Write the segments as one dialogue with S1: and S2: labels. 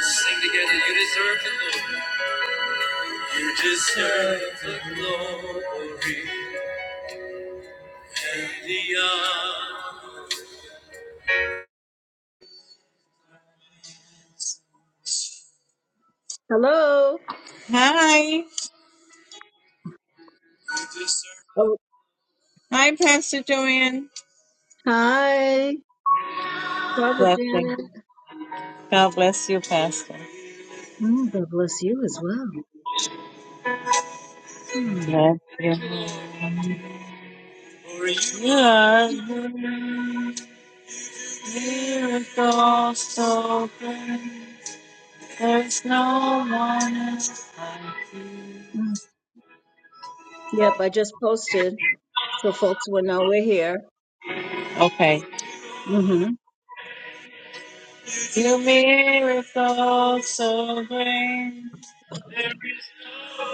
S1: Sing together, you deserve the glory. You deserve the glory and the honor.
S2: Hello.
S1: Hi. You deserve
S2: Oh,
S1: Hi, Pastor Joanne.
S2: hi, Papa
S1: Blessing.
S2: Janet.
S1: God bless you, Pastor.
S2: Mm, God bless you as well. Mm,
S1: Bless you. for you are the miracle so great. There's no one else like you.
S2: mm. Yep, I just posted so folks will know we're here.
S1: Okay.
S2: hmm
S1: You miracles, so great. no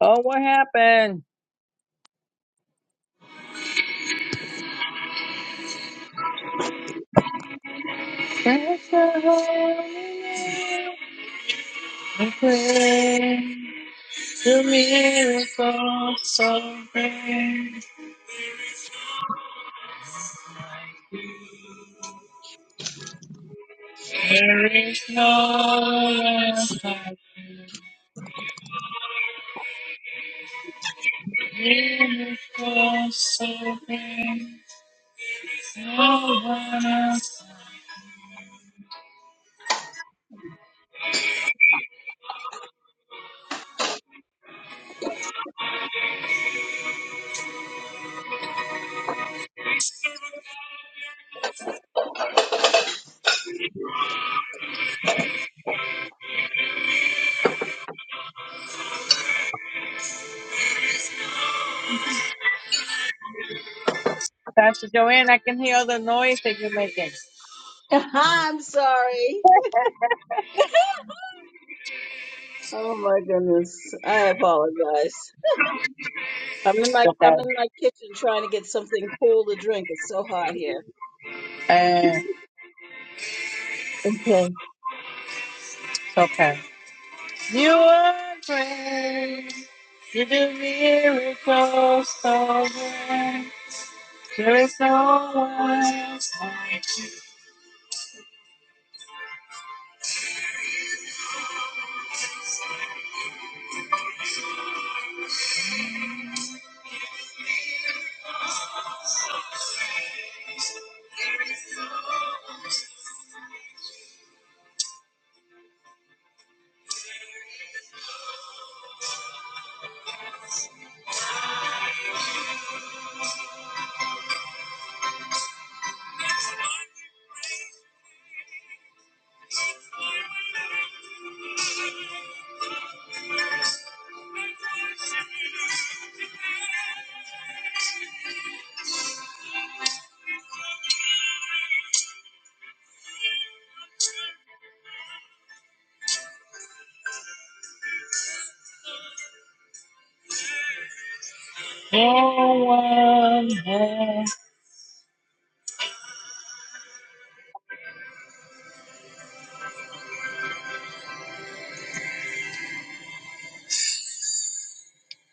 S1: Oh, what happened? That's the holy name. I pray the miracle so great. There is no less like miracle so great. No one else. Pastor Joanne, I can hear all the noise that you're making.
S2: I'm sorry. Oh my goodness. I apologize. I'm in
S1: It's
S2: my
S1: okay.
S2: I'm in my kitchen trying to get something cool to drink. It's so hot here.
S1: Eh,
S2: Okay.
S1: It's okay. You are great. You do miracles so great. There is no one, no one else.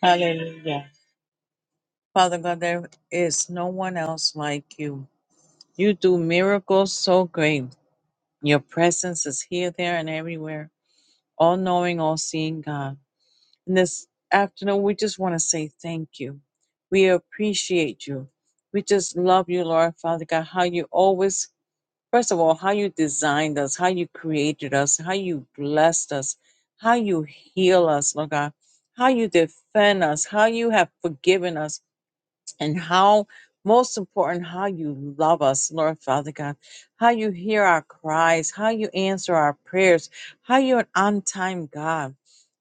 S1: Hallelujah. Father God, there is no one else like you. You do miracles so great. Your presence is here, there, and everywhere. All knowing, all seeing God. And this afternoon, we just want to say thank you. We appreciate you. We just love you, Lord Father God, how you always, first of all, how you designed us, how you created us, how you blessed us, how you heal us, Lord God, how you defend us, how you have forgiven us and how most important how you love us lord father god how you hear our cries how you answer our prayers how you're an on-time god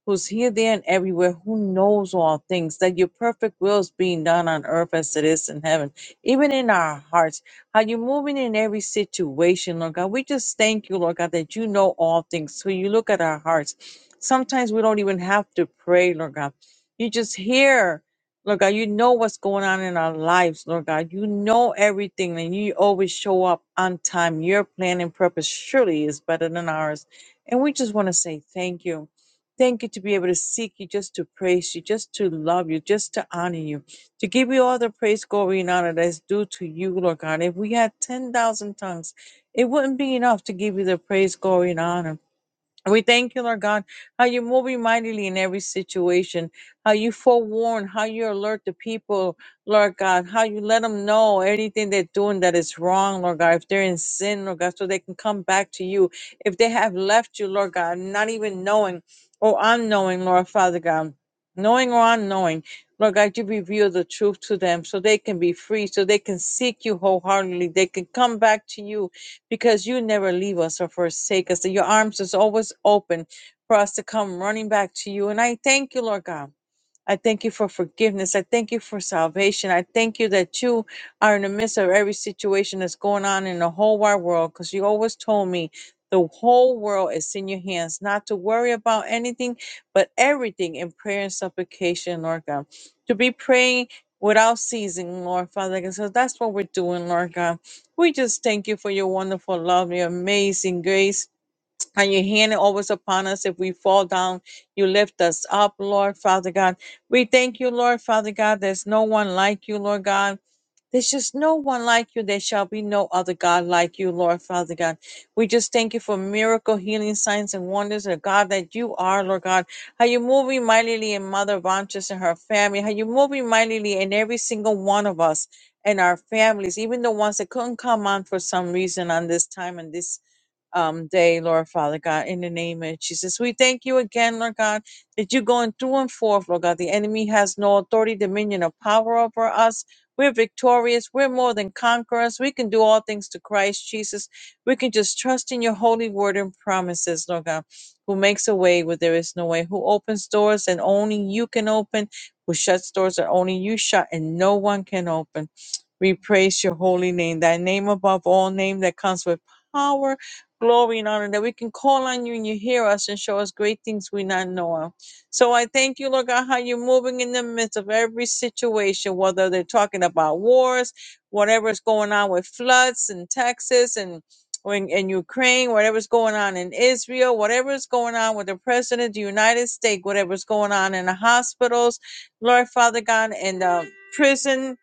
S1: who's here there and everywhere who knows all things that your perfect will is being done on earth as it is in heaven even in our hearts how you're moving in every situation lord god we just thank you lord god that you know all things so you look at our hearts sometimes we don't even have to pray lord god you just hear Lord God, you know what's going on in our lives, Lord God. You know everything, and you always show up on time. Your plan and purpose surely is better than ours. And we just want to say thank you. Thank you to be able to seek you, just to praise you, just to love you, just to honor you, to give you all the praise, glory, and honor that's due to you, Lord God. If we had 10,000 tongues, it wouldn't be enough to give you the praise, glory, and honor. We thank you, Lord God, how you move you mightily in every situation, how you forewarn, how you alert the people, Lord God, how you let them know anything they're doing that is wrong, Lord God, if they're in sin, Lord God, so they can come back to you. If they have left you, Lord God, not even knowing or unknowing, Lord Father God, knowing or unknowing, Lord God, you reveal the truth to them so they can be free, so they can seek you wholeheartedly, they can come back to you because you never leave us or forsake us, that your arms is always open for us to come running back to you. And I thank you, Lord God. I thank you for forgiveness. I thank you for salvation. I thank you that you are in the midst of every situation that's going on in the whole wide world because you always told me the whole world is in your hands, not to worry about anything, but everything in prayer and supplication, Lord God. To be praying without ceasing, Lord Father God. So that's what we're doing, Lord God. We just thank you for your wonderful love, your amazing grace and your hand is always upon us. If we fall down, you lift us up, Lord Father God. We thank you, Lord Father God. There's no one like you, Lord God. There's just no one like you. There shall be no other God like you, Lord Father God. We just thank you for miracle, healing, signs, and wonders, Lord God, that you are, Lord God. How you moving mightily in Mother Vantress and her family. How you moving mightily in every single one of us and our families, even the ones that couldn't come on for some reason on this time and this um, day, Lord Father God, in the name of Jesus. We thank you again, Lord God, that you're going through and forth, Lord God. The enemy has no authority, dominion, or power over us. We're victorious. We're more than conquerors. We can do all things to Christ Jesus. We can just trust in your holy word and promises, Lord God, who makes a way where there is no way, who opens doors that only you can open, who shuts doors that only you shut and no one can open. We praise your holy name, that name above all name that comes with power, glory, and honor, that we can call on you and you hear us and show us great things we not know of. So I thank you, Lord God, how you're moving in the midst of every situation, whether they're talking about wars, whatever's going on with floods in Texas and or in, in Ukraine, whatever's going on in Israel, whatever's going on with the President of the United States, whatever's going on in the hospitals, Lord Father God, in the prison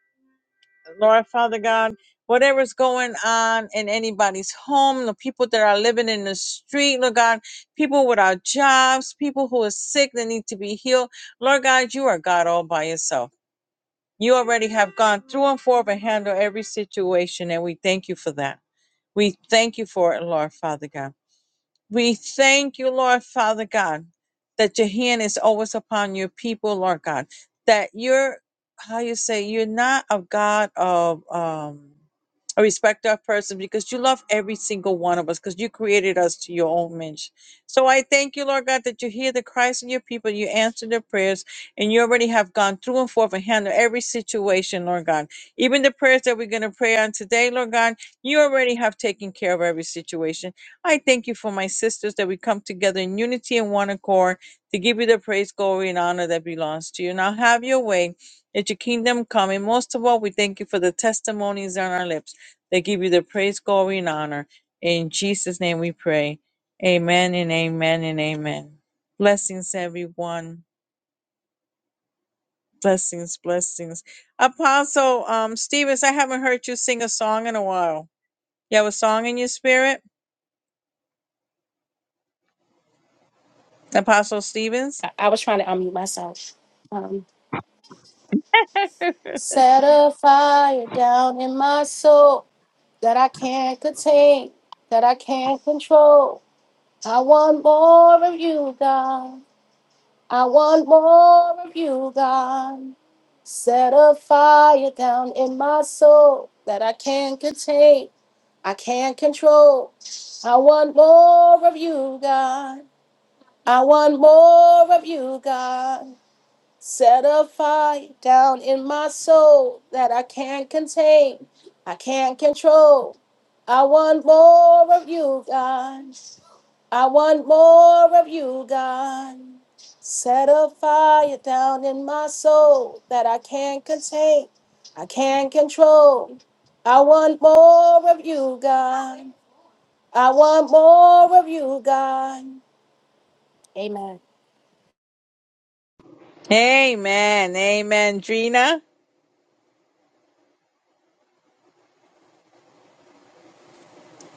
S1: Lord Father God, whatever's going on in anybody's home, the people that are living in the street, Lord God, people without jobs, people who are sick that need to be healed. Lord God, you are God all by yourself. You already have gone through and forth and handled every situation, and we thank you for that. We thank you for it, Lord Father God. We thank you, Lord Father God, that your hand is always upon your people, Lord God. That you're, how you say, you're not a God of um, a respecter of persons because you love every single one of us because you created us to your own image. So I thank you, Lord God, that you hear the cries of your people, you answer their prayers, and you already have gone through and forth and handled every situation, Lord God. Even the prayers that we're going to pray on today, Lord God, you already have taken care of every situation I thank you for my sisters that we come together in unity and one accord to give you the praise, glory, and honor that belongs to you. Now have your way that your kingdom come. And most of all, we thank you for the testimonies on our lips that give you the praise, glory, and honor. In Jesus' name we pray. Amen and amen and amen. Blessings, everyone. Blessings, blessings. Apostle um, Stevens, I haven't heard you sing a song in a while. You have a song in your spirit, Apostle Stevens?
S3: I, I was trying to unmute myself. Um, Set a fire down in my soul that I can't contain, that I can't control. I want more of you, God. I want more of you, God. Set a fire down in my soul that I can't contain, I can't control. I want more of you, God. I want more of you, God. Set a fire down in my soul that I can't contain, I can't control. I want more of you, God. I want more of you, God. Set a fire down in my soul that I can't contain, I can't control. I want more of you, God. I want more of you, God. Amen.
S1: Amen. Amen. Drina.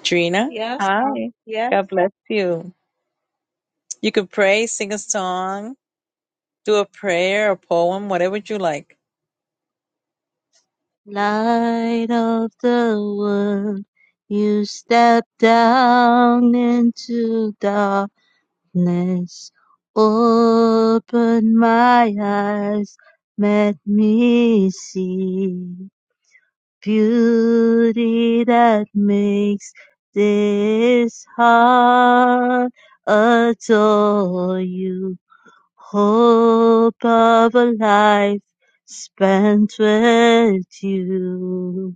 S1: Drina.
S4: Yeah.
S1: Hi.
S4: Uh, yes.
S1: God bless you. You could pray, sing a song, do a prayer, a poem, whatever you like.
S4: Light of the world, you step down into darkness. Open my eyes, let me see beauty that makes this heart adore you. Hope of a life spent with you.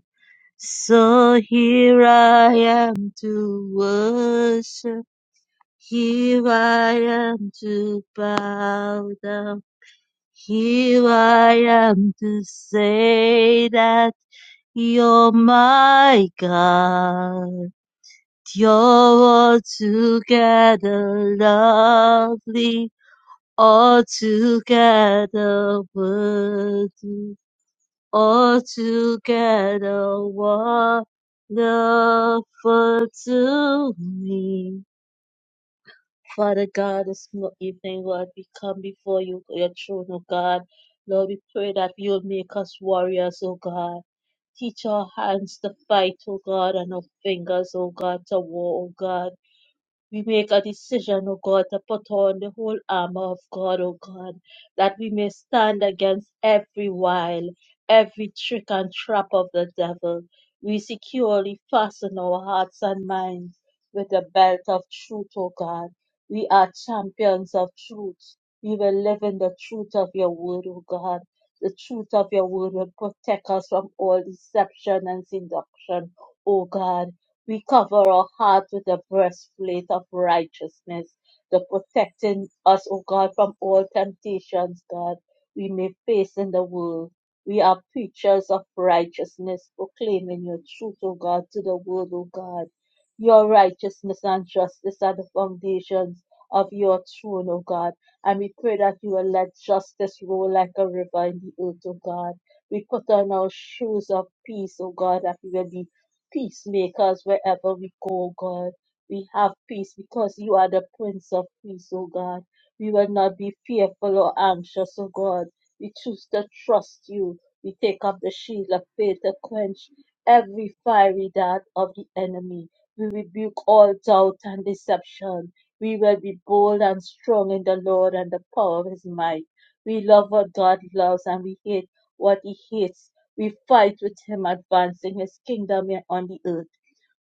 S4: So here I am to worship. Here I am to bow down. Here I am to say that you're my God. You're altogether lovely. All together worthy, all together wonderful to me. Father God, this mo- evening, Lord, we come before you, your throne, oh God. Lord, we pray that you will make us warriors, oh God. Teach our hands to fight, oh God, and our fingers, oh God, to war, oh God. We make a decision, O God, to put on the whole armor of God, O God, that we may stand against every wile, every trick and trap of the devil. We securely fasten our hearts and minds with the belt of truth, O God. We are champions of truth. We will live in the truth of your word, O God. The truth of your word will protect us from all deception and seduction, O God we cover our heart with the breastplate of righteousness, the protecting us, O God, from all temptations, God, we may face in the world. We are preachers of righteousness, proclaiming your truth, O God, to the world, O God. Your righteousness and justice are the foundations of your throne, O God. And we pray that you will let justice roll like a river in the earth, O God. We put on our shoes of peace, O God, that we will be peacemakers wherever we go, God. We have peace because you are the Prince of Peace, oh God. We will not be fearful or anxious, oh God. We choose to trust you. We take up the shield of faith to quench every fiery dart of the enemy. We rebuke all doubt and deception. We will be bold and strong in the Lord and the power of his might. We love what God loves and we hate what he hates we fight with him advancing his kingdom on the earth.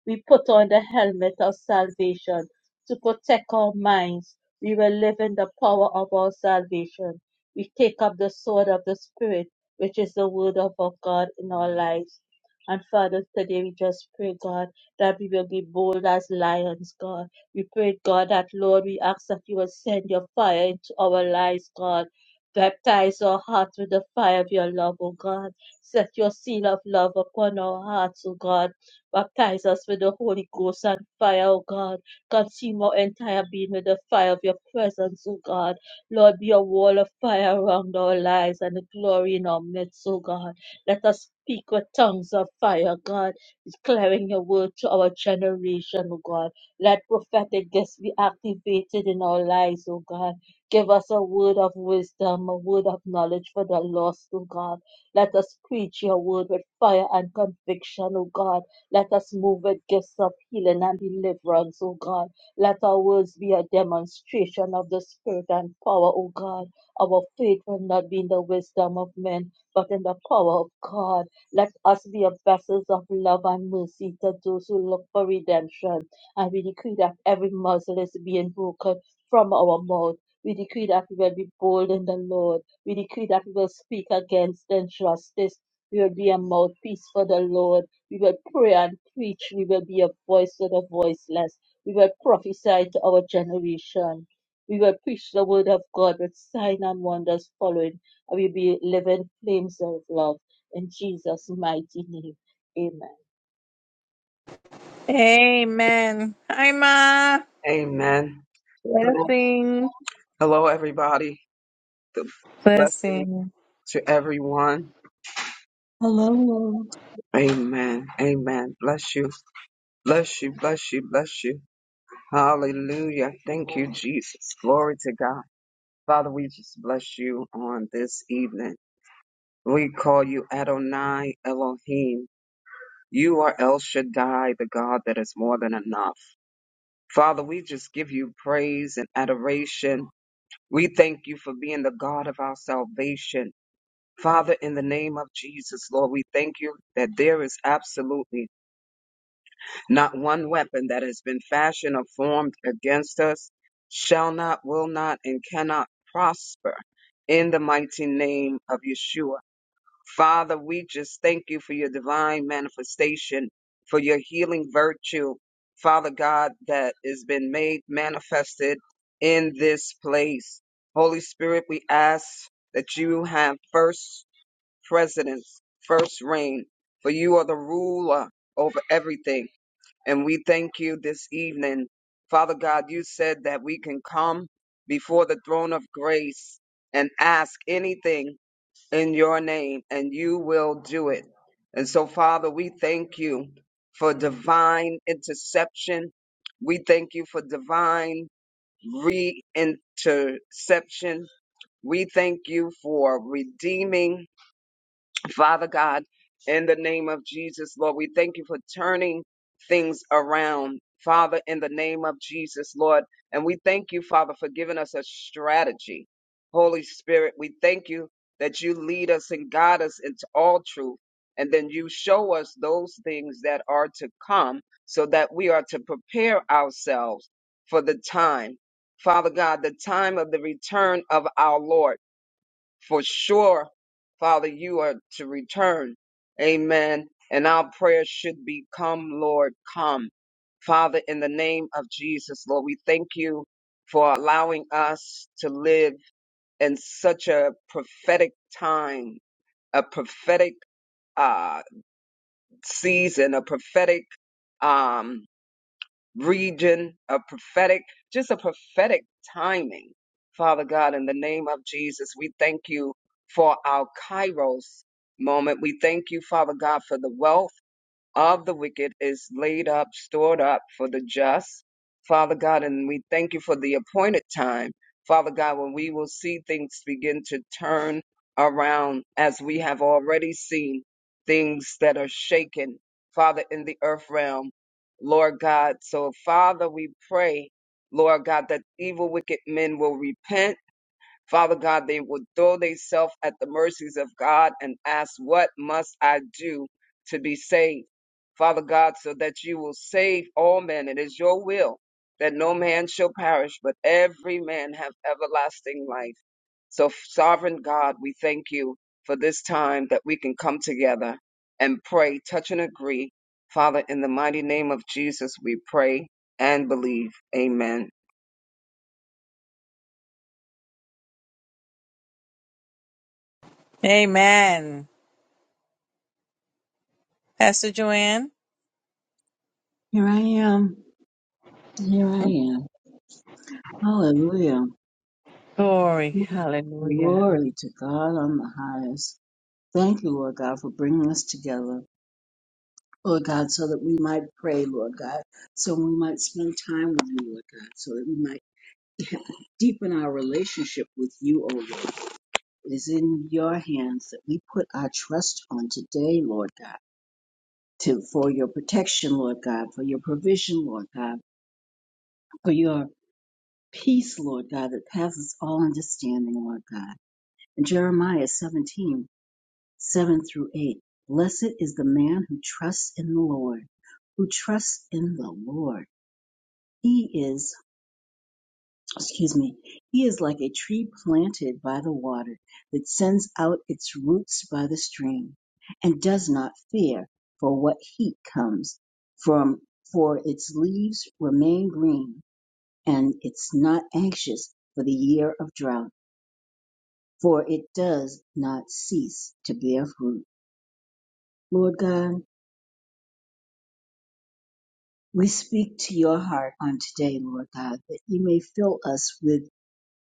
S4: We put on the helmet of salvation to protect our minds. We will live in the power of our salvation. We take up the sword of the Spirit, which is the word of our God in our lives. And Father, today we just pray, God, that we will be bold as lions, God. We pray, God, that Lord, we ask that you will send your fire into our lives, God. Baptize our hearts with the fire of your love, O God. Set your seal of love upon our hearts, O God Baptize us with the Holy Ghost and fire, O God. Consume our entire being with the fire of your presence, O God. Lord, be a wall of fire around our lives and the glory in our midst, O God. Let us speak with tongues of fire, God, declaring your word to our generation, O God. Let prophetic gifts be activated in our lives, O God. Give us a word of wisdom, a word of knowledge for the lost, O God. Let us preach your word with fire and conviction, O God let us move with gifts of healing and deliverance, O God. Let our words be a demonstration of the Spirit and power, O God. Our faith will not be in the wisdom of men, but in the power of God. Let us be a vessels of love and mercy to those who look for redemption. And we decree that every muzzle is being broken from our mouth. We decree that we will be bold in the Lord. We decree that we will speak against injustice. We will be a mouthpiece for the Lord. We will pray and preach. We will be a voice to the voiceless. We will prophesy to our generation. We will preach the word of God with sign and wonders following. And we'll be living flames of love in Jesus' mighty name. Amen.
S1: Amen. Hi, Ma.
S5: Amen. Hello,
S1: Blessing.
S5: hello, everybody. The blessing
S1: Blessing.
S5: to everyone.
S2: Hello.
S5: Amen. Amen. Bless you. Bless you. Bless you. Bless you. Hallelujah. Thank you, Jesus. Glory to God. Father, we just bless you on this evening. We call you Adonai Elohim. You are El Shaddai, the God that is more than enough. Father, we just give you praise and adoration. We thank you for being the God of our salvation. Father, in the name of Jesus, Lord, we thank you that there is absolutely not one weapon that has been fashioned or formed against us, shall not, will not, and cannot prosper in the mighty name of Yeshua. Father, we just thank you for your divine manifestation, for your healing virtue, Father God, that has been made manifested in this place. Holy Spirit, we ask that you have first president's first reign, for you are the ruler over everything. And we thank you this evening. Father God, you said that we can come before the throne of grace and ask anything in your name, and you will do it. And so, Father, we thank you for divine interception. We thank you for divine reinterception. We thank you for redeeming Father God, in the name of Jesus, Lord, we thank you for turning things around. Father, in the name of Jesus, Lord, and we thank you, Father, for giving us a strategy. Holy Spirit, we thank you that you lead us and guide us into all truth, and then you show us those things that are to come so that we are to prepare ourselves for the time. Father God, the time of the return of our Lord. For sure, Father, you are to return. Amen. And our prayer should be, Come, Lord, come. Father, in the name of Jesus, Lord, we thank you for allowing us to live in such a prophetic time, a prophetic uh, season, a prophetic um, region, a prophetic, just a prophetic timing. Father God, in the name of Jesus, we thank you for our Kairos moment. We thank you, Father God, for the wealth of the wicked is laid up, stored up for the just. Father God, and we thank you for the appointed time, Father God, when we will see things begin to turn around as we have already seen things that are shaken, Father, in the earth realm, Lord God. So, Father, we pray, Lord God, that evil, wicked men will repent Father God, they would throw themselves at the mercies of God and ask, What must I do to be saved? Father God, so that you will save all men. It is your will that no man shall perish, but every man have everlasting life. So, sovereign God, we thank you for this time that we can come together and pray, touch and agree. Father, in the mighty name of Jesus, we pray and believe. Amen.
S1: Amen. Pastor Joanne.
S2: Here I am. Here I am. Hallelujah.
S1: Glory, hallelujah.
S2: Glory to God on the highest. Thank you, Lord God, for bringing us together, Lord God, so that we might pray, Lord God, so we might spend time with you, Lord God, so that we might deepen our relationship with you, O Lord. It is in your hands that we put our trust on today, Lord God, to, for your protection, Lord God, for your provision, Lord God, for your peace, Lord God, that passes all understanding, Lord God. In Jeremiah 17, 7 through 8. Blessed is the man who trusts in the Lord, who trusts in the Lord. He is, excuse me, he is like a tree planted by the water that sends out its roots by the stream and does not fear for what heat comes from, for its leaves remain green and it's not anxious for the year of drought, for it does not cease to bear fruit. Lord God, We speak to your heart on today, Lord God, that you may fill us with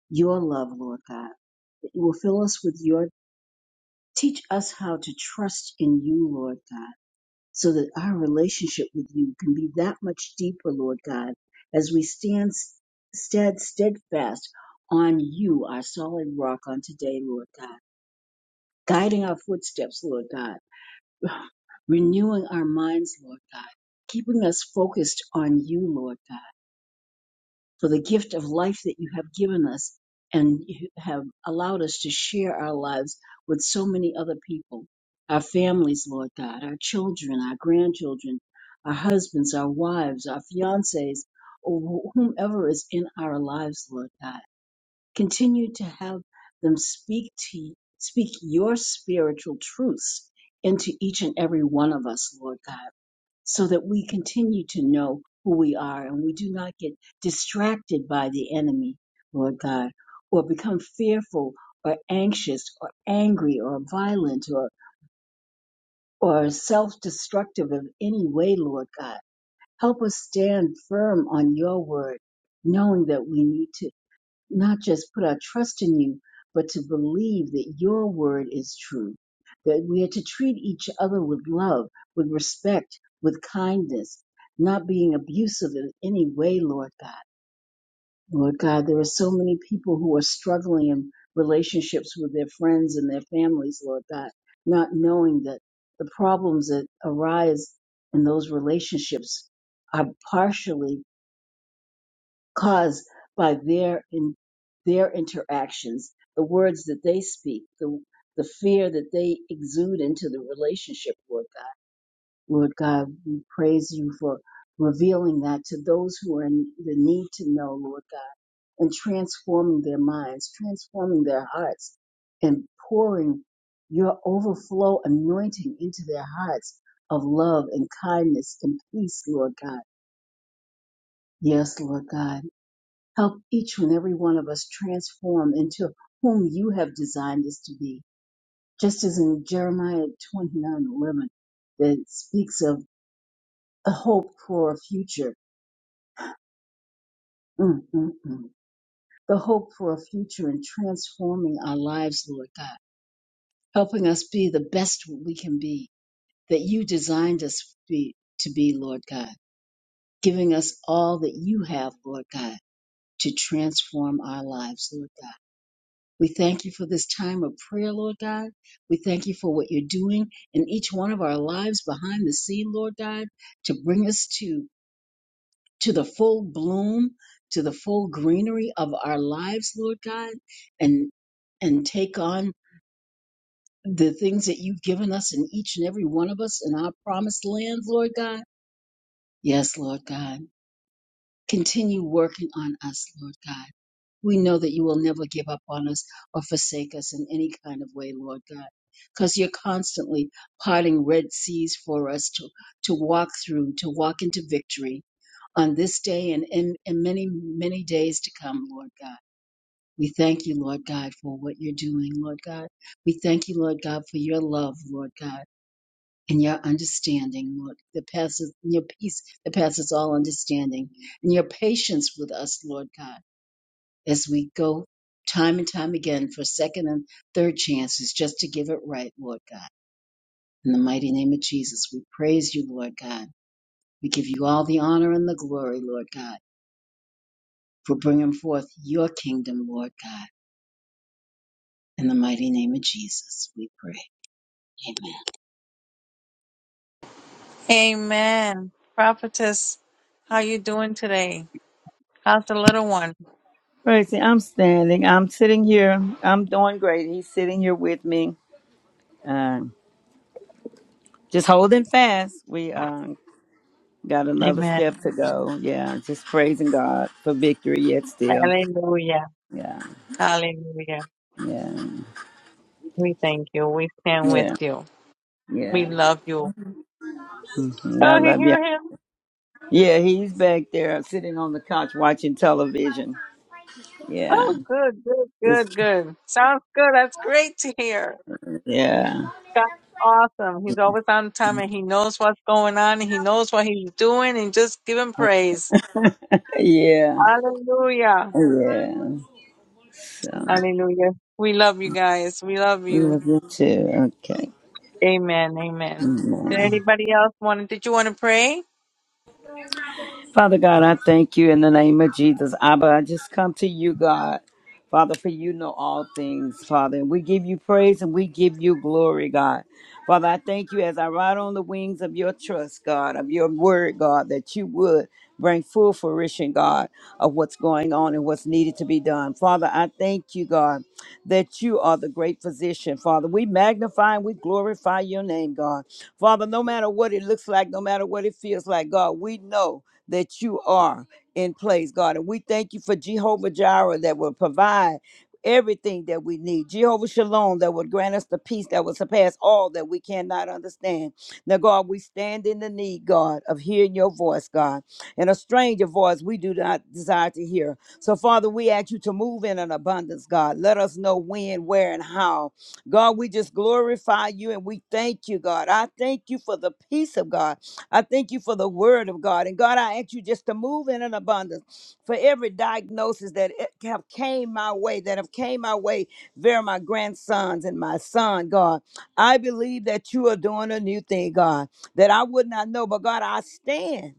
S2: your love, Lord God, that you will fill us with your, teach us how to trust in you, Lord God, so that our relationship with you can be that much deeper, Lord God, as we stand stead steadfast on you, our solid rock on today, Lord God, guiding our footsteps, Lord God, renewing our minds, Lord God, keeping us focused on you, Lord God for the gift of life that you have given us and you have allowed us to share our lives with so many other people, our families, Lord God, our children, our grandchildren, our husbands, our wives, our fiancés, or wh- whomever is in our lives, Lord God. Continue to have them speak to speak your spiritual truths into each and every one of us, Lord God so that we continue to know who we are and we do not get distracted by the enemy, Lord God, or become fearful or anxious or angry or violent or, or self destructive of any way, Lord God. Help us stand firm on your word, knowing that we need to not just put our trust in you, but to believe that your word is true, that we are to treat each other with love, with respect, with kindness, not being abusive in any way, Lord God. Lord God, there are so many people who are struggling in relationships with their friends and their families, Lord God, not knowing that the problems that arise in those relationships are partially caused by their in their interactions, the words that they speak, the the fear that they exude into the relationship, Lord God. Lord God, we praise you for revealing that to those who are in the need to know, Lord God, and transforming their minds, transforming their hearts, and pouring your overflow anointing into their hearts of love and kindness and peace, Lord God. Yes, Lord God Help each and every one of us transform into whom you have designed us to be. Just as in Jeremiah 29:11 that speaks of a hope for a future. Mm, mm, mm. The hope for a future and transforming our lives, Lord God, helping us be the best we can be that you designed us to be, to be, Lord God, giving us all that you have, Lord God, to transform our lives, Lord God. We thank you for this time of prayer, Lord God. We thank you for what you're doing in each one of our lives behind the scene, Lord God, to bring us to, to the full bloom, to the full greenery of our lives, Lord God, and, and take on the things that you've given us in each and every one of us in our promised land, Lord God. Yes, Lord God. Continue working on us, Lord God. we know that you will never give up on us or forsake us in any kind of way, Lord God, because you're constantly parting red seas for us to, to walk through, to walk into victory on this day and, in in many, many days to come, Lord God. We thank you, Lord God, for what you're doing, Lord God. We thank you, Lord God, for your love, Lord God, and your understanding, Lord, that passes and your peace that passes all understanding, and your patience with us, Lord God as we go time and time again for second and third chances just to give it right, Lord God. In the mighty name of Jesus, we praise you, Lord God. We give you all the honor and the glory, Lord God, for bringing forth your kingdom, Lord God. In the mighty name of Jesus, we pray. Amen.
S1: Amen. Prophetess, how you doing today? How's the little one?
S6: Praise him. I'm standing. I'm sitting here. I'm doing great. He's sitting here with me. Um, just holding fast. We uh, got another
S1: Amen.
S6: step to go. Yeah, just praising God for victory yet still.
S1: Hallelujah.
S6: Yeah,
S1: Hallelujah.
S6: yeah,
S1: We thank you. We stand with
S6: yeah,
S1: you. We
S6: yeah.
S1: love you.
S6: hmm I
S1: Oh, you
S6: love
S1: hear
S6: you.
S1: him?
S6: Yeah, he's back there sitting on the couch watching television. Yeah.
S1: Oh, good, good,
S6: It's,
S1: good, good. Sounds good. That's great to hear.
S6: yeah,
S1: God's awesome. He's always on time and he knows what's going on and he knows what he's doing and just give him praise.
S6: yeah,
S1: Hallelujah.
S6: yeah. So,
S1: Hallelujah. We love you guys. We love you.
S6: love you too. Okay.
S1: Amen. Amen.
S6: Mm-hmm.
S1: Did anybody else want to, did you want to pray?
S6: Father God, I thank you in the name of Jesus. Abba, I just come to you, God. Father, for you know all things, Father. we give you praise and we give you glory, God. Father, I thank you as I ride on the wings of your trust, God, of your word, God, that you would bring full fruition, God, of what's going on and what's needed to be done. Father, I thank you, God, that you are the great physician, Father. We magnify and we glorify your name, God. Father, no matter what it looks like, no matter what it feels like, God, we know that you are in place, God. And we thank you for Jehovah Jireh that will provide everything that we need. Jehovah Shalom that will grant us the peace that will surpass all that we cannot understand. Now, God, we stand in the need, God, of hearing your voice, God. And a stranger voice we do not desire to hear. So, Father, we ask you to move in an abundance, God. Let us know when, where, and how. God, we just glorify you and we thank you, God. I thank you for the peace of God I thank you for the word of God. And God, I ask you just to move in an abundance for every diagnosis that it have came my way, that have came my way via my grandsons and my son, God. I believe that you are doing a new thing, God, that I would not know. But God, I stand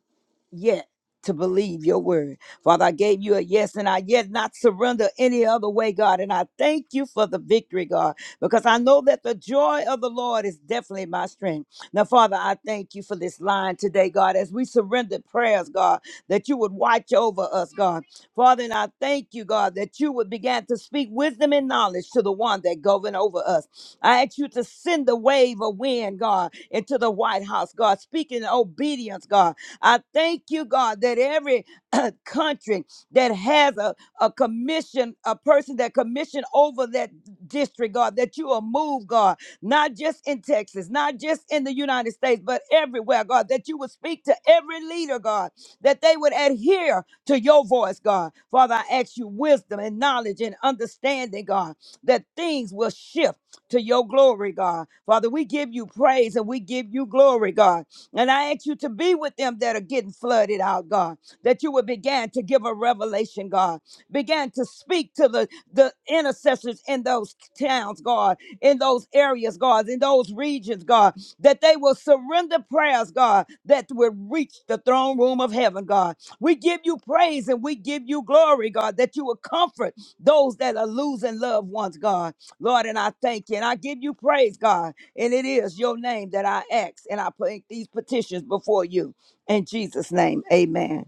S6: yet to believe your word. Father, I gave you a yes and I yet not surrender any other way, God. And I thank you for the victory, God, because I know that the joy of the Lord is definitely my strength. Now, Father, I thank you for this line today, God, as we surrender prayers, God, that you would watch over us, God. Father, and I thank you, God, that you would begin to speak wisdom and knowledge to the one that govern over us. I ask you to send the wave of wind, God, into the White House, God, speaking obedience, God. I thank you, God, that every country that has a, a commission, a person that commission over that district, God, that you will move, God, not just in Texas, not just in the United States, but everywhere, God, that you would speak to every leader, God, that they would adhere to your voice, God. Father, I ask you wisdom and knowledge and understanding, God, that things will shift to your glory, God. Father, we give you praise and we give you glory, God. And I ask you to be with them that are getting flooded out, God, that you would begin to give a revelation, God, begin to speak to the, the intercessors in those towns, God, in those areas, God, in those regions, God, that they will surrender prayers, God, that will reach the throne room of heaven, God. We give you praise and we give you glory, God, that you will comfort those that are losing loved ones, God. Lord, and I thank you and I give you praise, God. And it is your name that I ask, and I put these petitions before you. In Jesus' name, amen.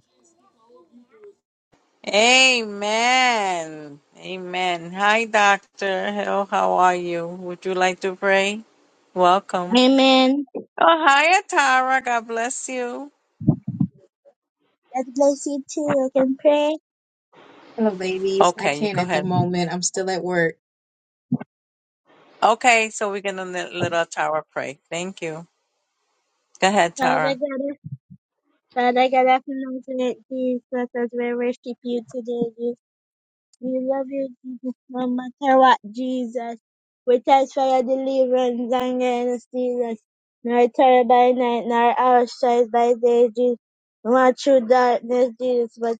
S1: Amen. Amen. Hi, Doctor Hill. How are you? Would you like to pray? Welcome.
S7: Amen.
S1: Oh, hi, Atara. God bless you.
S7: God bless you too. I can pray.
S8: Hello, ladies. I
S1: Okay, you
S8: can't
S1: go
S8: at the
S1: ahead.
S8: moment. I'm still at work.
S1: Okay, so we're going to let, let Atara pray. Thank you. Go ahead,
S7: Father
S1: Tara.
S7: God, Father God, I acknowledge Jesus as we worship you today. Jesus. We love you, Jesus, no matter what, Jesus. We thanks for your deliverance and guidance, Jesus. Nor terror by night, nor our strife by day, Jesus. Not through darkness, Jesus, but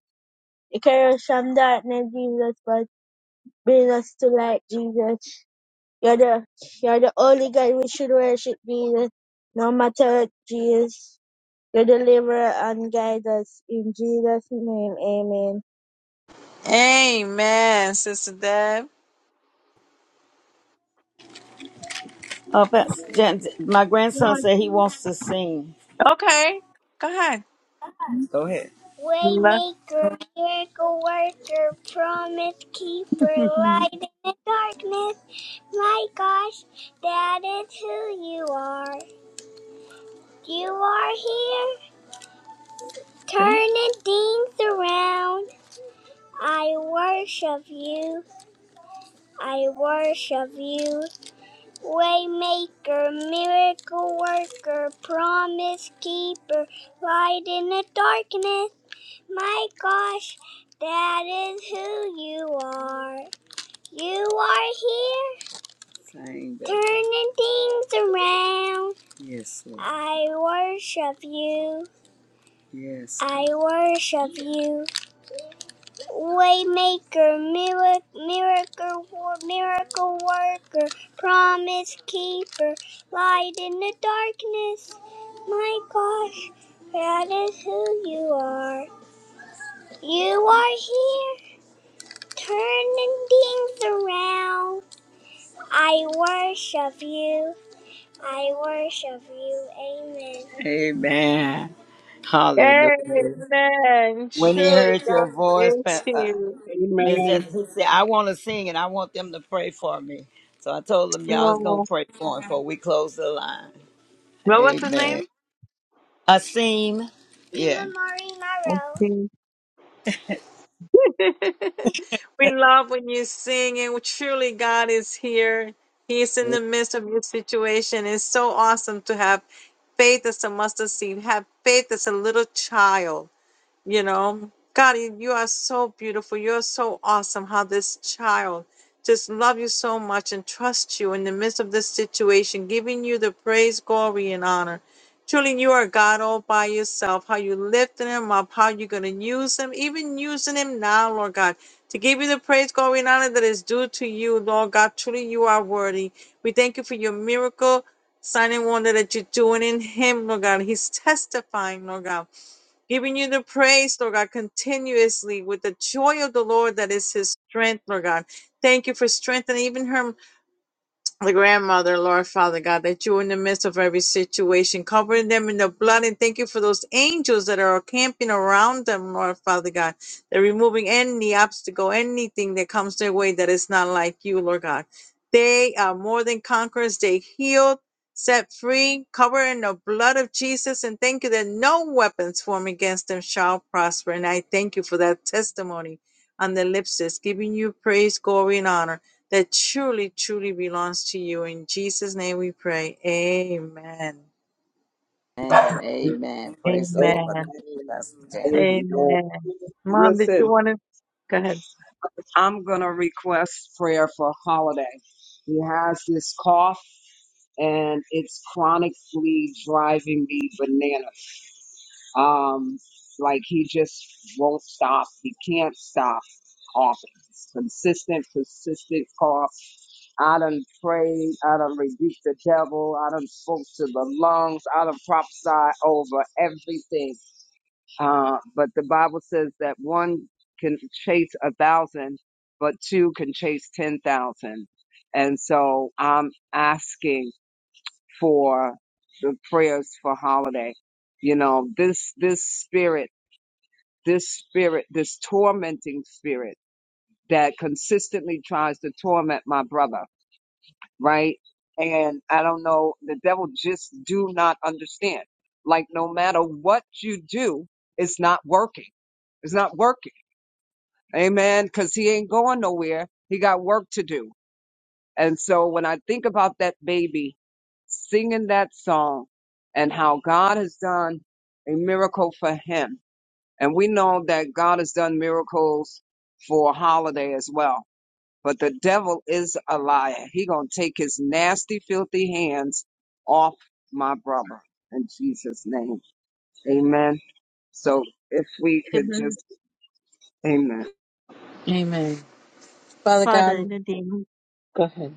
S7: you carry us from darkness, Jesus, but bring us to light, Jesus. You're the you're the only God we should worship, Jesus. No matter what, Jesus, you deliver and guide us in Jesus' name. Amen.
S1: Amen, Sister Deb.
S6: Oh, that's, Jan- my grandson said he wants to sing.
S1: Okay, go ahead.
S6: Go ahead.
S1: Nothing.
S6: Waymaker, miracle worker, promise keeper, light in the darkness. My gosh, that is who you are. You are here, turning things around. I worship you. I worship you. Waymaker, miracle worker, promise keeper, light in the darkness. My gosh, that is who you are. You are here, turning things around. Yes, Lord. I worship you. Yes. Lord. I worship you. Waymaker, miracle, miracle, miracle worker, promise keeper, light in the darkness. My gosh, that is who you are. You are here, turning things around. I worship you. I worship you. Amen. Amen. Hallelujah.
S1: Amen.
S6: When he
S1: Surely
S6: heard
S1: God
S6: your voice,
S1: is
S6: Pa- uh,
S1: here.
S7: Amen.
S6: Miss Jackson, he said, I want to sing and I want them to pray for me. So I told them y'all was going
S1: Oh,
S6: to pray for him before we close the line.
S1: What was his
S6: Amen.
S1: name?
S6: Asim. Yeah. Mama, Marie,
S1: we love when you sing, and truly, God is here. He is in the midst of your situation. It's so awesome to have faith as a mustard seed, have faith as a little child. You know, God, you you are so beautiful. You're so awesome. How this child just love you so much and trust you in the midst of this situation, giving you the praise, glory, and honor. Truly, you are God all by yourself. How you lifting him up, how you're going to use him, even using him now, Lord God, to give you the praise, glory, and honor that is due to you, Lord God. Truly, you are worthy. We thank you for your miracle, sign and wonder that you're doing in him, Lord God. He's testifying, Lord God. Giving you the praise, Lord God, continuously with the joy of the Lord that is his strength, Lord God. Thank you for strengthening even her the grandmother, Lord Father God, that you were in the midst of every situation, covering them in the blood, and thank you for those angels that are camping around them, Lord Father God. They're removing any obstacle, anything that comes their way that is not like you, Lord God. They are more than conquerors. They healed, set free, covered in the blood of Jesus, and thank you that no weapons formed against them shall prosper. And I thank you for that testimony on their lips that's giving you praise, glory, and honor that truly, truly belongs to you. In Jesus' name we pray. Amen.
S6: Maro. And Amen. Praise the
S5: Amen.
S6: Lord. Thank
S1: Amen.
S6: you, Pastor Janet.
S5: Amen.
S1: Amen. Mom, did you
S5: Listen,
S1: want to? Go ahead.
S5: I'm going to request prayer for Holiday. He has this cough and it's chronically driving me bananas. Um, like he just won't stop. He can't stop coughing. It's consistent, persistent cough. I done prayed. I done rebuked the devil. I done spoke to the lungs. I done prophesied over everything. Uh, but the Bible says that one can chase a thousand, but two can chase 10,000. And so I'm asking for the prayers for holiday. You know, this, this spirit, this spirit, this tormenting spirit that consistently tries to torment my brother, right? And I don't know, the devil just do not understand. Like no matter what you do, it's not working. It's not working Amen. Because he ain't going nowhere. He got work to do. And so when I think about that baby singing that song and how God has done a miracle for him, and we know that God has done miracles for holiday as well. But the devil is a liar. He gonna take his nasty, filthy hands off my brother in Jesus' name. Amen. So if we could
S4: Amen.
S5: just, amen.
S1: Amen. Father
S4: Father,
S1: God,
S4: in the name of
S1: go ahead.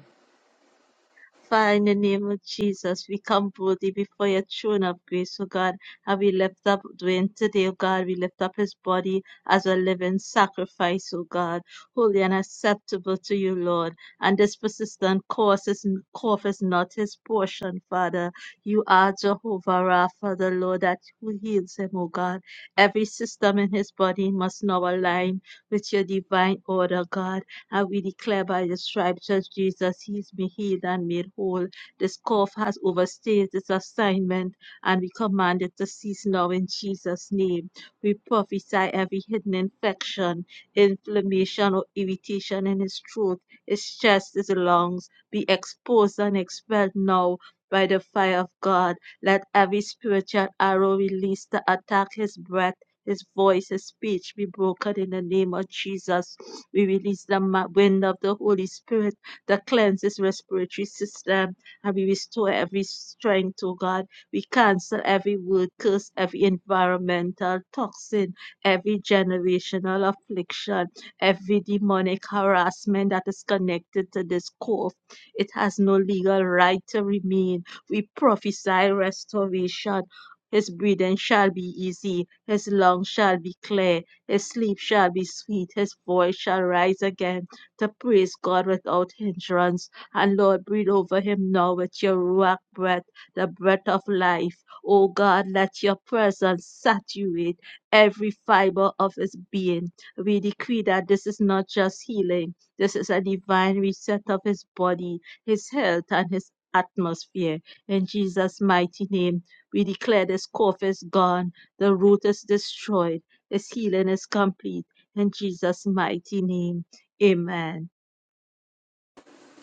S4: Father, in the name of Jesus, we come boldly before your throne of grace, O God, and we lift up Dwayne today, O God. We lift up his body as a living sacrifice, O God, holy and acceptable to you, Lord. And this persistent course is, cough is not his portion, Father. You are Jehovah Rapha, the Lord that who heals him, O God. Every system in his body must now align with your divine order, God. And we declare by the stripes of Jesus, he's been healed and made whole. This cough has overstayed its assignment, and we command it to cease now in Jesus' name. We prophesy every hidden infection, inflammation, or irritation in his throat, his chest, his lungs be exposed and expelled now. By the fire of God, let every spiritual arrow released to attack his breath his voice, his speech be broken in the name of Jesus. We release the ma- wind of the Holy Spirit that cleanses respiratory system and we restore every strength, oh God. We cancel every word curse, every environmental toxin, every generational affliction, every demonic harassment that is connected to this cough. It has no legal right to remain. We prophesy restoration his breathing shall be easy, his lungs shall be clear, his sleep shall be sweet, his voice shall rise again to praise God without hindrance. And Lord, breathe over him now with your Ruach breath, the breath of life. O God, let your presence saturate every fiber of his being. We decree that this is not just healing, this is a divine reset of his body, his health, and his atmosphere. In Jesus' mighty name. We declare this cough is gone, the root is destroyed, this healing is complete. In Jesus' mighty name, amen.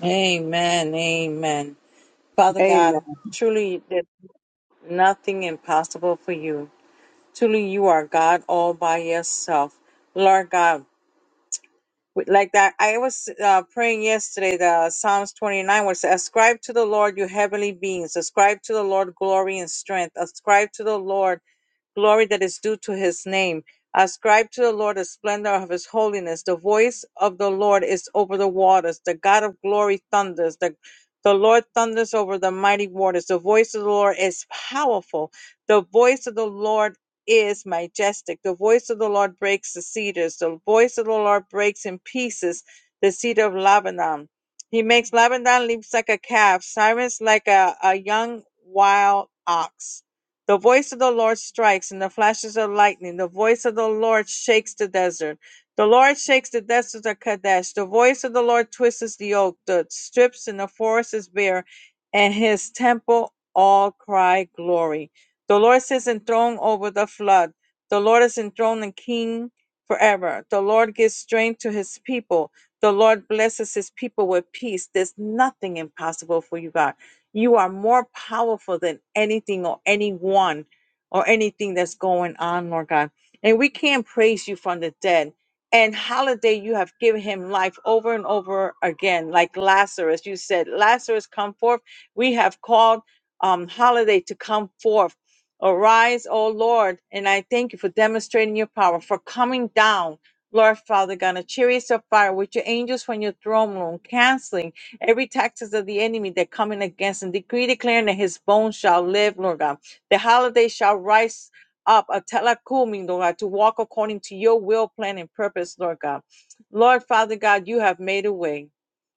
S1: Amen. Amen. Father
S5: amen.
S1: God, truly there's nothing impossible for you. Truly you are God all by yourself. Lord God, with- like that i was uh, praying yesterday the psalms 29 was ascribe to the lord you heavenly beings ascribe to the lord glory and strength ascribe to the lord glory that is due to his name. Ascribe to the Lord the splendor of his holiness. The voice of the Lord is over the waters. The God of glory thunders. The, the Lord thunders over the mighty waters. The voice of the Lord is powerful. The voice of the Lord is majestic. The voice of the Lord breaks the cedars. The voice of the Lord breaks in pieces the cedar of Lebanon. He makes Lebanon leaps like a calf, Cyrus like a, a young wild ox. The voice of the Lord strikes, and the flashes of lightning. The voice of the Lord shakes the desert. The Lord shakes the desert of Kadesh. The voice of the Lord twists the oak, the strips, and the forest is bare, and his temple all cry glory. The Lord sits enthroned over the flood. The Lord is enthroned and king forever. The Lord gives strength to his people. The Lord blesses his people with peace. There's nothing impossible for you, God. You are more powerful than anything or anyone or anything that's going on, Lord God. And we can't praise you from the dead. And holiday, you have given him life over and over again, like Lazarus. You said, Lazarus, come forth. We have called um, holiday to come forth. Arise, O Lord, and I thank you for demonstrating your power, for coming down Lord Father God, in a chariot of fire with your angels from your throne room, canceling every taxes of the enemy that coming against him. Decree declaring that his bones shall live, Lord God. The holiday shall rise up a telacoming, Lord God, to walk according to your will, plan, and purpose, Lord God. Lord Father God, you have made a way.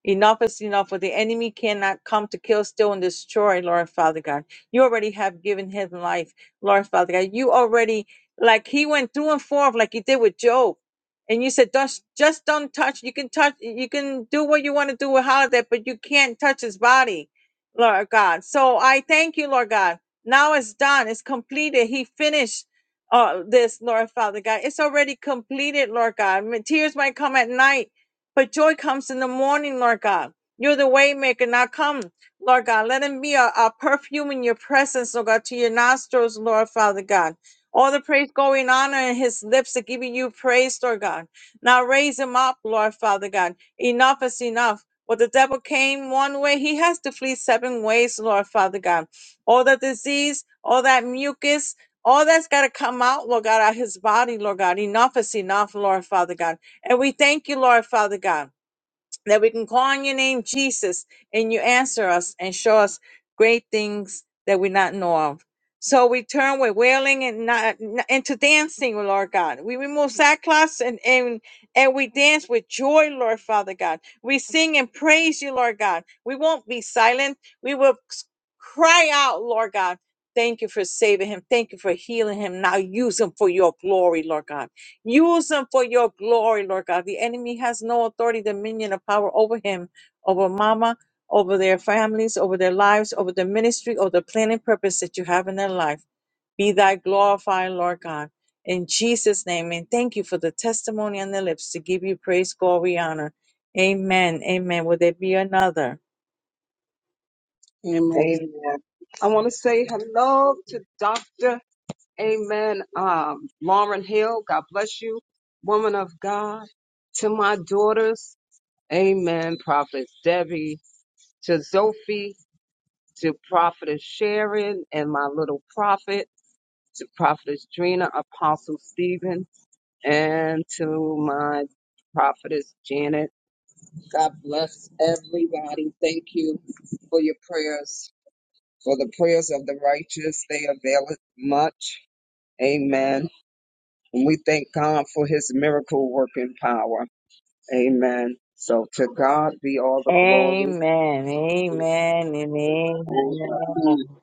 S1: Enough is enough, for the enemy cannot come to kill, steal, and destroy, Lord Father God. You already have given his life, Lord Father God. You already, like he went through and forth, like he did with Job and you said just just don't touch you can touch you can do what you want to do with holiday but you can't touch his body lord god so i thank you lord god now it's done it's completed he finished uh this lord father god it's already completed lord god My tears might come at night but joy comes in the morning lord god you're the waymaker now come lord god let him be a, a perfume in your presence lord god to your nostrils lord father god all the praise, glory, and honor in his lips are giving you praise, Lord God. Now raise him up, Lord Father God. Enough is enough. But the devil came one way, he has to flee seven ways, Lord Father God. All the disease, all that mucus, all that's got to come out, Lord God, out of his body, Lord God. Enough is enough, Lord Father God. And we thank you, Lord Father God that we can call on your name, Jesus, and you answer us and show us great things that we not know of. So we turn with wailing and not into dancing, Lord God. We remove sackcloths and, and and we dance with joy, Lord Father God. We sing and praise you, Lord God. We won't be silent. We will s- cry out, Lord God. Thank you for saving him. Thank you for healing him. Now use him for your glory, Lord God. Use them for your glory, Lord God. The enemy has no authority, dominion, or power over him, over mama, over their families, over their lives, over the ministry, or the plan and purpose that you have in their life. Be thy glorified, Lord God. In Jesus' name, and thank you for the testimony on their lips to give you praise, glory, honor. Amen. Amen. Will there be another?
S5: Amen. I want to say hello to Dr. Amen. Um, Lauren Hill, God bless you, woman of God. To my daughters, Amen. Prophet Debbie, to Sophie, to Prophetess Sharon, and my little prophet, to Prophetess Drina, Apostle Stephen, and to my Prophetess Janet. God bless everybody. Thank you for your prayers. For the prayers of the righteous, they availeth much. Amen. And we thank God for his miracle working power. Amen. So to God be all the glory
S1: Amen. Amen. And
S5: for what
S1: amen.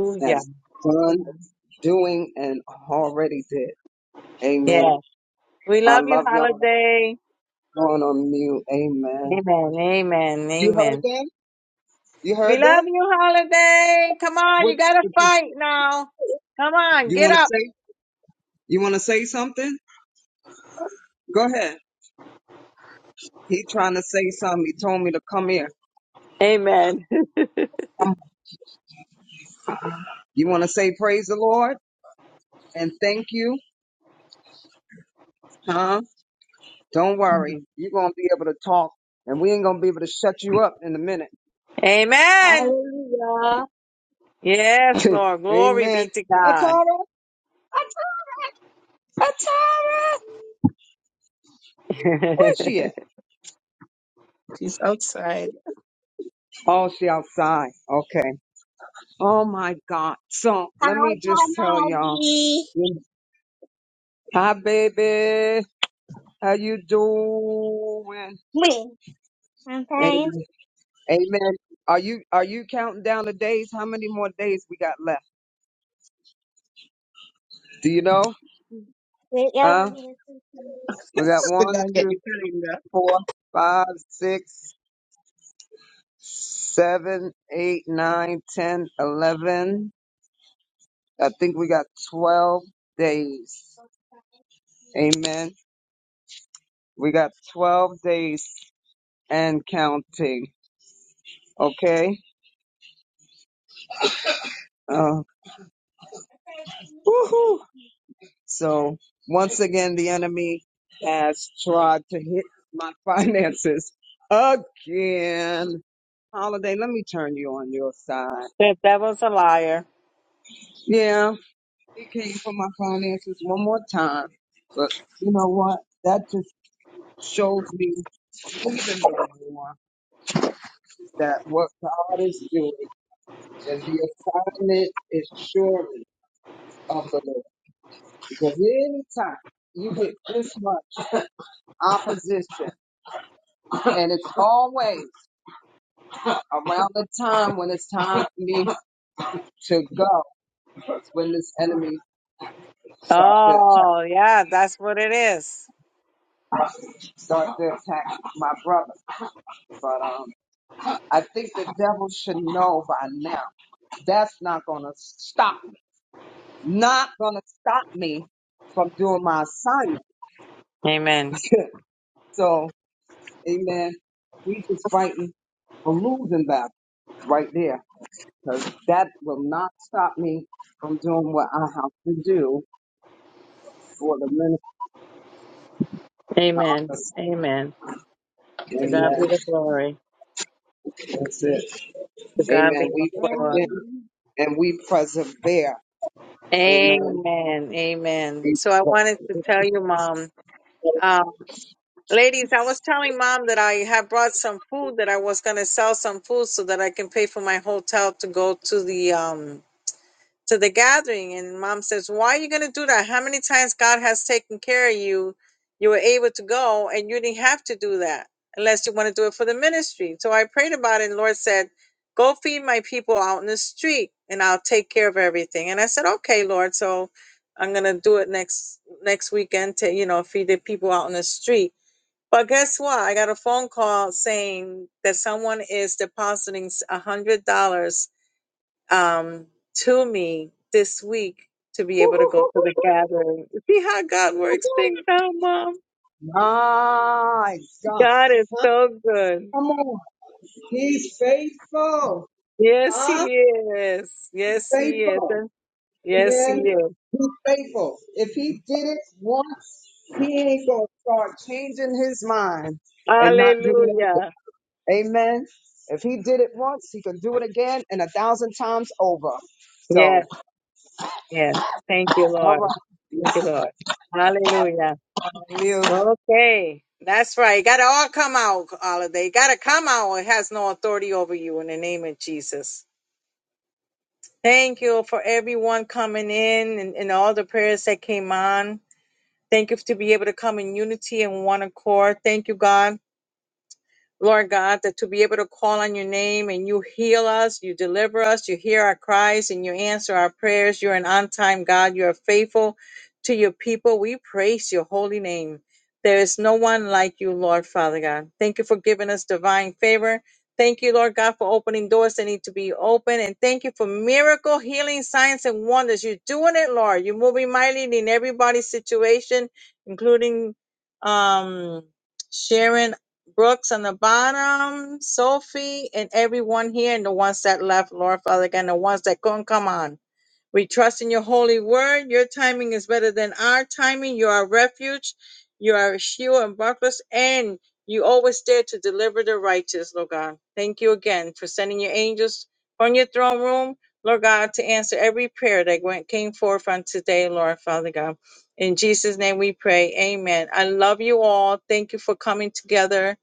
S5: He has done,
S4: Amen.
S5: doing, and already did. Amen.
S1: Yes. We
S5: I
S1: love you,
S5: love y'all. I'm
S1: Holiday.
S5: Going on mute. Amen.
S1: Amen. Amen.
S5: You heard
S1: Amen.
S5: them? You
S1: We
S5: heard
S1: love
S5: them?
S1: you, Holiday. Come on,
S5: What
S1: you gotta fight now. Come on,
S5: you
S1: get
S5: want to
S1: up.
S5: say? You want to say something? Go ahead. He trying to say something. He told me to come here.
S1: Amen.
S5: You want to say praise the Lord and thank you, huh? Don't worry. You're going to be able to talk and we ain't going to be able to shut you up in a minute.
S1: Amen.
S4: Hallelujah.
S1: Yes, Lord. Glory
S5: Amen.
S1: be to God.
S5: Atara, Atara, where's she at?
S7: She's outside.
S5: Oh, she outside. Okay. Oh my God. So
S7: How
S5: let me just
S7: can
S5: tell
S7: I
S5: y'all.
S7: be?
S5: Hi, baby. How you doing?
S7: Me, I'm fine.
S5: Amen. Amen. Are you are you counting down the days? How many more days we got left? Do you know?
S7: Wait, yeah,
S5: Huh?
S7: I'm gonna do something.
S5: We got
S7: Sit
S5: one,
S7: down, get
S5: two.
S7: your calendar.
S5: four, five, six, seven, eight, nine, ten, eleven. I think we got twelve days. Amen. We got twelve days and counting. Okay. Uh, woohoo. So once again, the enemy has tried to hit my finances again. Holiday, let me turn you on your side.
S1: The devil's a liar.
S5: Yeah. It came for my finances one more time. But you know what? That just shows me even more that what God is doing and the assignment is surely of the Lord. Because anytime you get this much opposition, and it's always around the time when it's time for me to go, it's when this enemy start to attack,
S1: Oh, yeah, that's what it is.
S5: start to attack my brother. But um, I think the devil should know by now. That's not going to stop me. Not going to stop me from doing my assignment.
S1: Amen.
S5: so, amen. We just fighting a losing battle right there because that will not stop me from doing what I have to do for the ministry
S1: Amen.
S5: office.
S1: Amen. To God be
S5: Amen.
S1: the glory.
S5: That's it.
S1: To God be
S5: Amen. We
S1: all the
S5: press in
S1: glory.
S7: Amen.
S5: and we persevere. Amen.
S1: Amen. Amen. So I wanted to tell you, Mom. um, Ladies, I was telling mom that I had brought some food that I was gonna sell some food so that I can pay for my hotel to go to the um to the gathering. And mom says, Why are you gonna do that? How many times God has taken care of you, you were able to go and you didn't have to do that unless you want to do it for the ministry. So I prayed about it and Lord said, Go feed my people out in the street and I'll take care of everything. And I said, Okay, Lord, so I'm gonna do it next next weekend to, you know, feed the people out in the street but guess what? I got a phone call saying that someone is depositing a hundred dollars um, to me this week to be
S5: We-
S1: able to go to the gathering. See how God works things out, Mom.
S5: My God.
S1: God is
S5: Huh?
S1: so good.
S5: Come on. He's faithful.
S1: Yes, He
S5: Huh?
S1: is. Yes, He is.
S5: Faithful.
S1: And Yes, He
S5: Amen.
S1: is.
S5: He's faithful. If he did it once, he ain't gonna start changing his mind and not doing it
S1: Hallelujah.
S5: again. Amen. If he did it once, he can do it again and a thousand times over. So,
S1: Yes, yes. Thank you,
S5: all
S1: Lord.
S5: right.
S1: Thank
S5: Let's
S1: you, Lord. Hallelujah.
S5: unmute.
S1: Okay, that's right. It got to all come out, holiday. It Got to come out. It has no authority over you in the name of Jesus. Thank you for everyone coming in and, and all the prayers that came on. Thank you to be able to come in unity and one accord. Thank you, God. Lord God, that to be able to call on your name and you heal us, you deliver us, you hear our cries and you answer our prayers. You're an on time God. You are faithful to your people. We praise your holy name. There is no one like you, Lord Father God. Thank you for giving us divine favor. Thank you, Lord God, for opening doors that need to be open. And thank you for miracle, healing, signs, and wonders. You're doing it, Lord. You're moving mightily in everybody's situation, including um, Sharon Brooks on the bottom, Sophie, and everyone here, and the ones that left, Lord Father, again, the ones that couldn't come on. We trust in your holy word. Your timing is better than our timing. You are a refuge. You are a shield and buckler, and you always dare to deliver the righteous, Lord God. Thank you again for sending your angels from your throne room, Lord God, to answer every prayer that went came forth on today, Lord Father God. In Jesus' name we pray. Amen. I love you all. Thank you for coming together.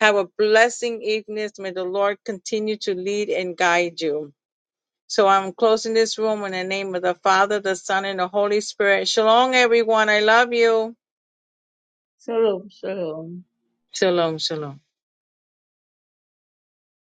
S1: Have a blessing evening. May the Lord continue to lead and guide you. So I'm closing this room in the name of the Father, the Son, and the Holy Spirit. Shalom, everyone. I love you.
S4: Shalom, shalom.
S1: Shalom, shalom.